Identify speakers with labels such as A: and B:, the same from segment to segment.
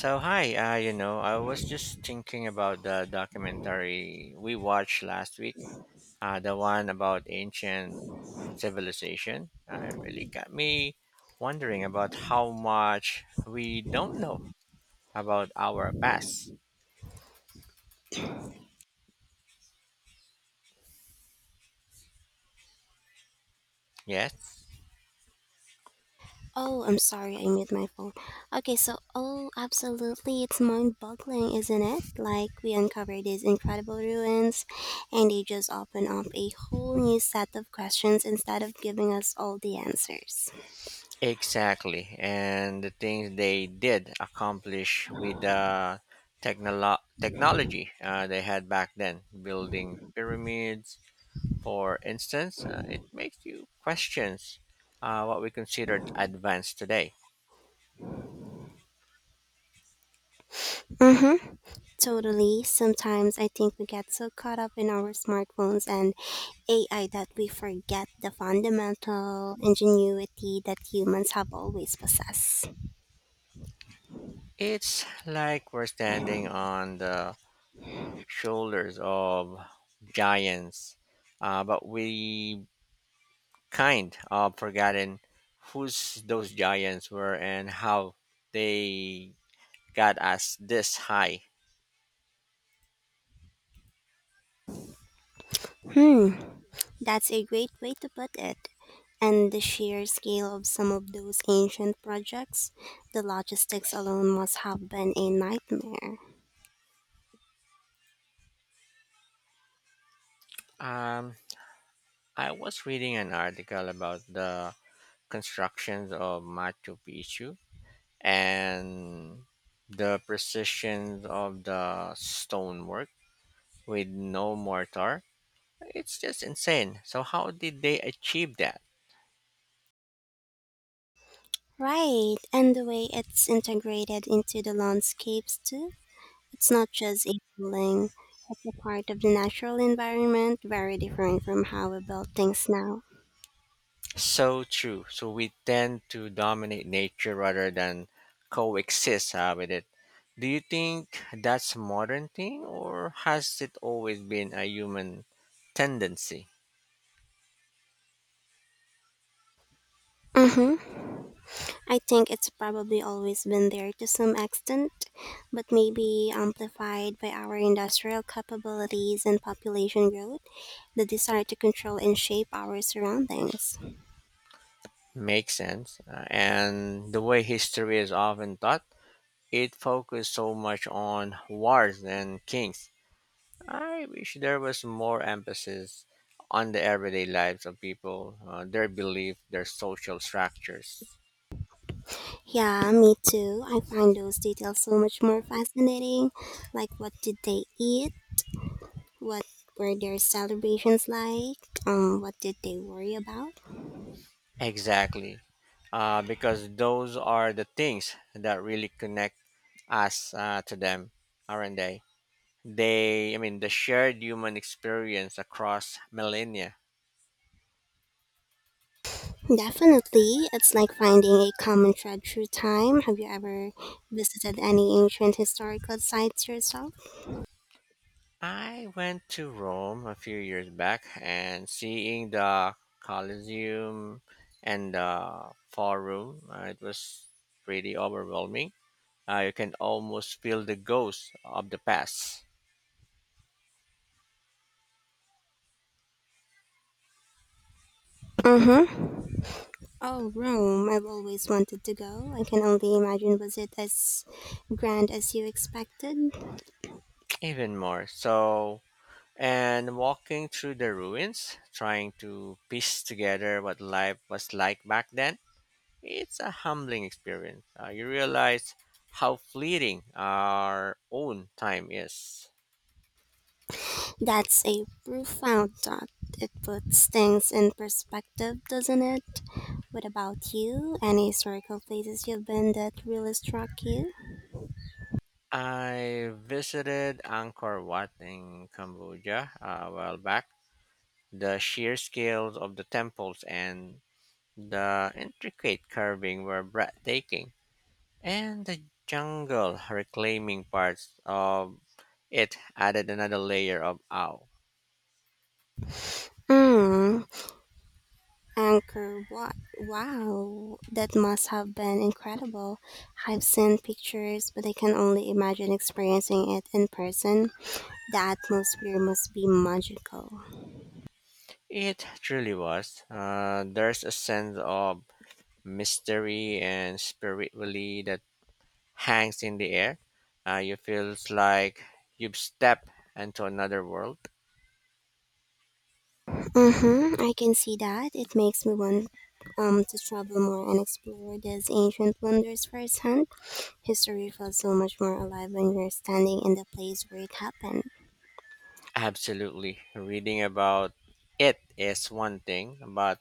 A: So hi, I was just thinking about the documentary we watched last week, the one about ancient civilization. It really got me wondering about how much we don't know about our past. Yes,
B: Oh, I'm sorry, I mute my phone. Okay, absolutely, it's mind boggling, isn't it? Like, we uncover these incredible ruins, and they just open up a whole new set of questions instead of giving us all the answers.
A: exactly, and the things they did accomplish with the technology they had back then, building pyramids for instance, it makes you question what we considered advanced today.
B: Mm hmm, totally. Sometimes I think we get so caught up in our smartphones and AI that we forget the fundamental ingenuity that humans have always possessed.
A: It's like we're standing on the shoulders of giants, but we kind of forgotten who's those giants were and how they got us this high.
B: Hmm, That's a great way to put it. And the sheer scale of some of those ancient projects, the logistics alone must have been a nightmare.
A: Um, I was reading an article about the constructions of Machu Picchu and the precision of the stonework with no mortar, it's just insane. So how did they achieve that?
B: Right, and the way it's integrated into the landscapes too. It's not just a building, it's a part of the natural environment, very different from how we build things now.
A: So true. So we tend to dominate nature rather than coexist with it. Do you think that's a modern thing or has it always been a human tendency?
B: Mm hmm. I think it's probably always been there to some extent, but maybe amplified by our industrial capabilities and population growth, the desire to control and shape our surroundings.
A: Makes sense. And the way history is often taught, it focused so much on wars and kings. I wish there was more emphasis on the everyday lives of people, their belief, their social structures.
B: Yeah, me too. I find those details so much more fascinating. Like, what did they eat? What were their celebrations like? What did they worry about?
A: Exactly. Because those are the things that really connect us to them, aren't they? I mean, the shared human experience across millennia.
B: Definitely. It's like finding a common thread through time. Have you ever visited any ancient historical sites yourself?
A: I went to Rome a few years back and seeing the Colosseum and the Forum, it was pretty overwhelming. You can almost feel the ghost of the past,
B: Mm-hmm. Oh, Rome. I've always wanted to go. I can only imagine, was it as grand as you expected?
A: even more. So, and walking through the ruins, trying to piece together what life was like back then, it's a humbling experience. You realize how fleeting our own time is.
B: That's a profound thought. It puts things in perspective, doesn't it? What about you? Any historical places you've been that really struck you?
A: I visited Angkor Wat in Cambodia a while back. The sheer scales of the temples and the intricate carving were breathtaking, and the jungle reclaiming parts of it added another layer of awe.
B: Hmm. Anchor Wat. Wow, that must have been incredible. I've seen pictures, but I can only imagine experiencing it in person. The atmosphere must be magical.
A: It truly was. There's a sense of mystery and spiritually that hangs in the air. You feels like you've stepped into another world.
B: Mm-hmm, I can see that. It makes me want to travel more and explore these ancient wonders firsthand. History feels so much more alive when you're standing in the place where it happened.
A: Absolutely. Reading about it is one thing, but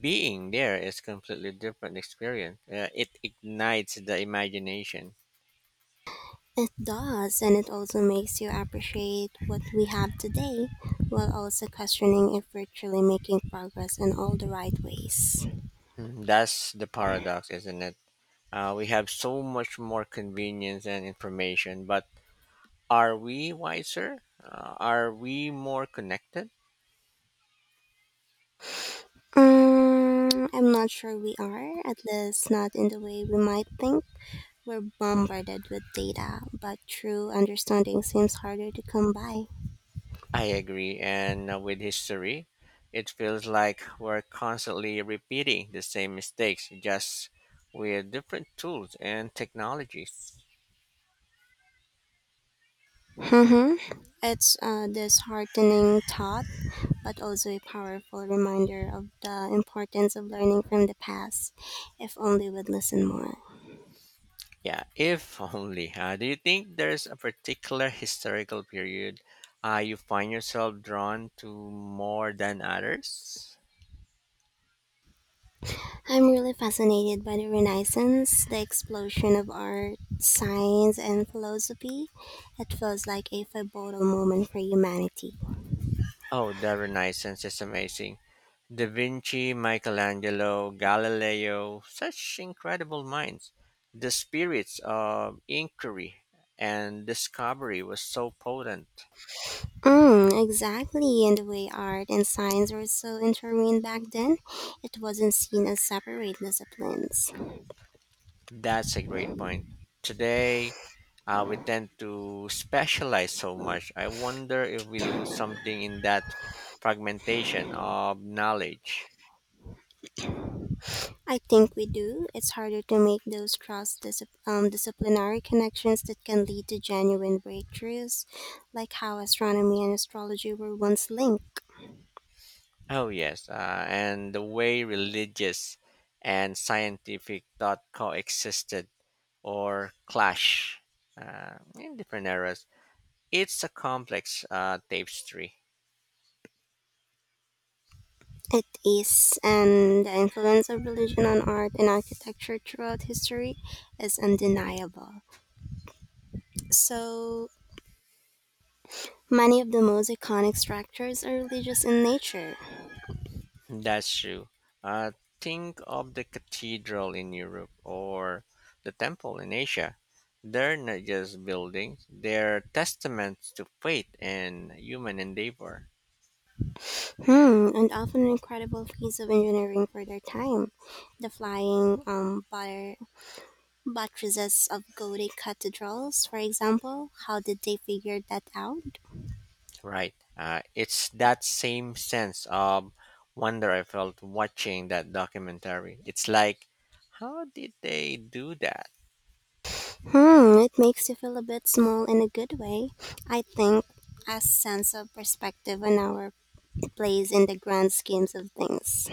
A: being there is completely different experience. It ignites the imagination.
B: It does, and it also makes you appreciate what we have today while also questioning if we're truly making progress in all the right ways.
A: Mhm. That's the paradox, isn't it? We have so much more convenience and information, but are we wiser? Are we more connected?
B: I'm not sure we are, at least not in the way we might think. We're bombarded with data, but true understanding seems harder to come by.
A: I agree. And with history, it feels like we're constantly repeating the same mistakes, just with different tools and technologies.
B: Mm-hmm. It's a disheartening thought, but also a powerful reminder of the importance of learning from the past, if only we'd listen more.
A: Yeah, if only. Do you think there's a particular historical period you find yourself drawn to more than others?
B: I'm really fascinated by the Renaissance, the explosion of art, science, and philosophy. It feels like a pivotal moment for humanity.
A: Oh, the Renaissance is amazing. Da Vinci, Michelangelo, Galileo, such incredible minds. The spirits of inquiry and discovery was so potent.
B: Mm, exactly, and the way art and science were so intertwined back then, it wasn't seen as separate disciplines.
A: That's a great point. Today, we tend to specialize so much. I wonder if we lose something in that fragmentation of knowledge.
B: I think we do. It's harder to make those disciplinary connections that can lead to genuine breakthroughs, like how astronomy and astrology were once linked.
A: Oh, yes, and the way religious and scientific thought coexisted or clash in different eras. It's a complex tapestry.
B: It is, and the influence of religion on art and architecture throughout history is undeniable. So, many of the most iconic structures are religious in nature.
A: That's true. Uh, think of the cathedral in Europe or the temple in Asia. They're not just buildings, they're testaments to faith and human endeavor.
B: And often incredible feats of engineering for their time. The flying butter buttresses of Gothic cathedrals, for example, how did they figure that out?
A: Right. It's that same sense of wonder I felt watching that documentary. It's like, how did they do that?
B: Hmm, it makes you feel a bit small in a good way. I think a sense of perspective on our plays in the grand schemes of things.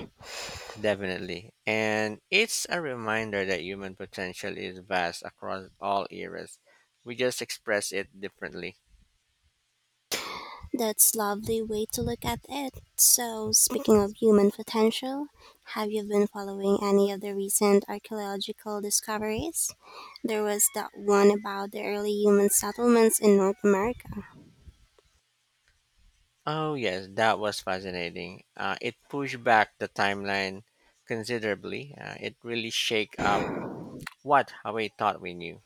A: Definitely. And it's a reminder that human potential is vast across all eras. We just express it differently.
B: That's lovely way to look at it. So, speaking of human potential, have you been following any of the recent archaeological discoveries? There was that one about the early human settlements in North America.
A: Oh, yes, that was fascinating. It pushed back the timeline considerably. It really shake up what we thought we knew.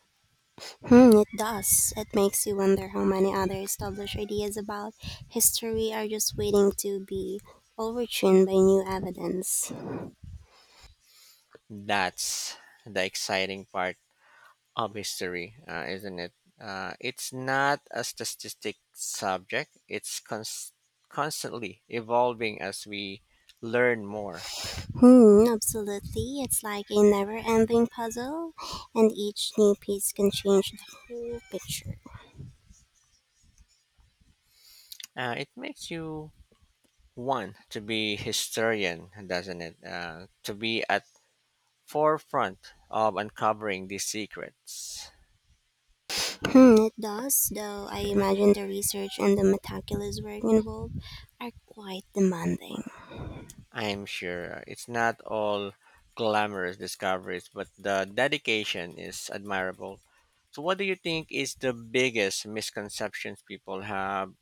B: Hmm, it does. It makes you wonder how many other established ideas about history are just waiting to be overturned by new evidence.
A: That's the exciting part of history, isn't it? It's not a statistic subject. It's constantly evolving as we learn more.
B: Hmm, absolutely. It's like a never ending puzzle, and each new piece can change the whole picture.
A: It makes you want to be historian, doesn't it? To be at forefront of uncovering these secrets.
B: Hmm, it does, though I imagine the research and the meticulous work involved are quite demanding.
A: I'm sure it's not all glamorous discoveries, but the dedication is admirable. So, what do you think is the biggest misconceptions people have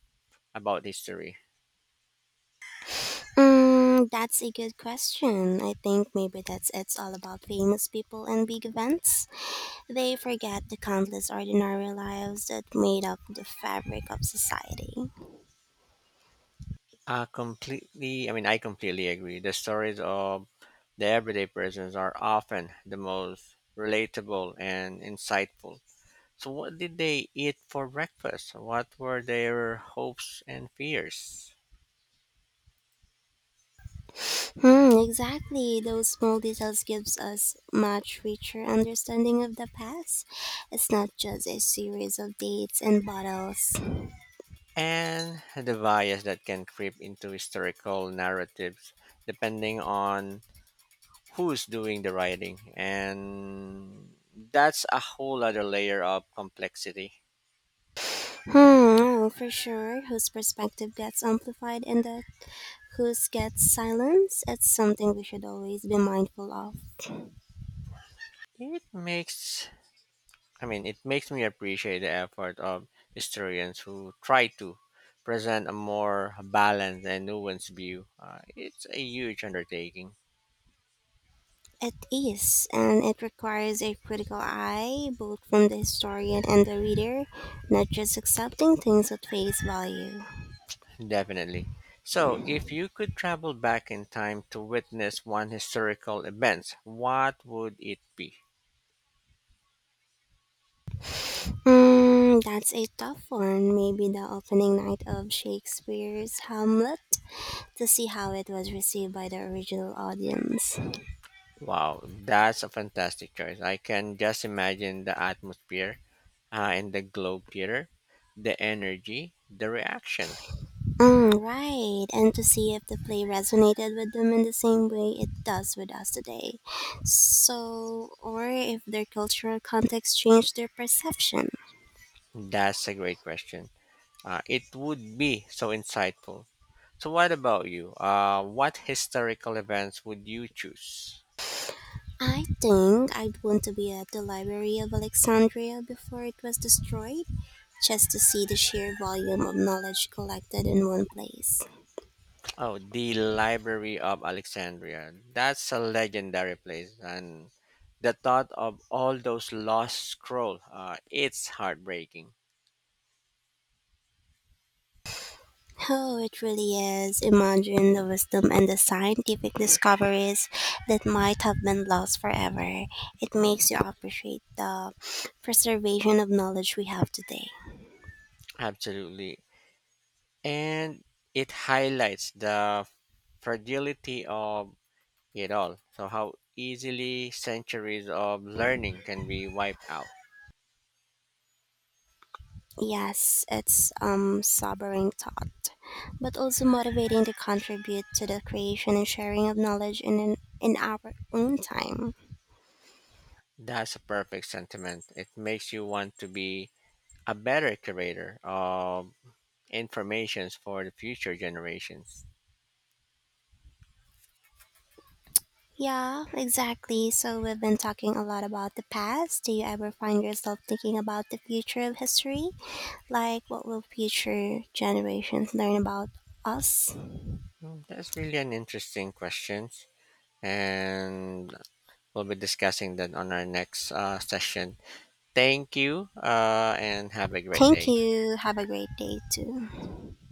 A: about history?
B: Mm, that's a good question. I think maybe that's it's all about famous people and big events. They forget the countless ordinary lives that made up the fabric of society.
A: Completely. I completely agree. The stories of the everyday persons are often the most relatable and insightful. So, what did they eat for breakfast? What were their hopes and fears?
B: Hmm, exactly. Those small details gives us much richer understanding of the past. It's not just a series of dates and bottles.
A: And the bias that can creep into historical narratives depending on who's doing the writing. And that's a whole other layer of complexity.
B: Hmm, no, for sure. Whose perspective gets amplified and the whose gets silenced. It's something we should always be mindful of.
A: It makes, I mean, it makes me appreciate the effort of historians who try to present a more balanced and nuanced view. It's a huge undertaking.
B: It is, and it requires a critical eye, both from the historian and the reader, not just accepting things at face value.
A: Definitely. So, if you could travel back in time to witness one historical event, what would it be?
B: Mm, that's a tough one. Maybe the opening night of Shakespeare's Hamlet to see how it was received by the original audience.
A: Wow, that's a fantastic choice. I can just imagine the atmosphere in the Globe Theater, the energy, the reaction.
B: Mm, right, and to see if the play resonated with them in the same way it does with us today. So, or if their cultural context changed their perception.
A: That's a great question. It would be so insightful. So, what about you? What historical events would you choose?
B: I think I'd want to be at the Library of Alexandria before it was destroyed, just to see the sheer volume of knowledge collected in one place.
A: Oh, the Library of Alexandria. That's a legendary place, and the thought of all those lost scrolls, it's heartbreaking.
B: Oh, it really is. Imagine the wisdom and the scientific discoveries that might have been lost forever. It makes you appreciate the preservation of knowledge we have today.
A: Absolutely, and it highlights the fragility of it all. So how easily centuries of learning can be wiped out.
B: Yes, it's sobering thought, but also motivating to contribute to the creation and sharing of knowledge in our own time.
A: That's a perfect sentiment. It makes you want to be a better curator of informations for the future generations.
B: Yeah, exactly. So we've been talking a lot about the past. Do you ever find yourself thinking about the future of history? Like what will future generations learn about us?
A: Mm, that's really an interesting question. And we'll be discussing that on our next session. Thank you and have a great
B: Thank
A: day.
B: you. Have a great day too.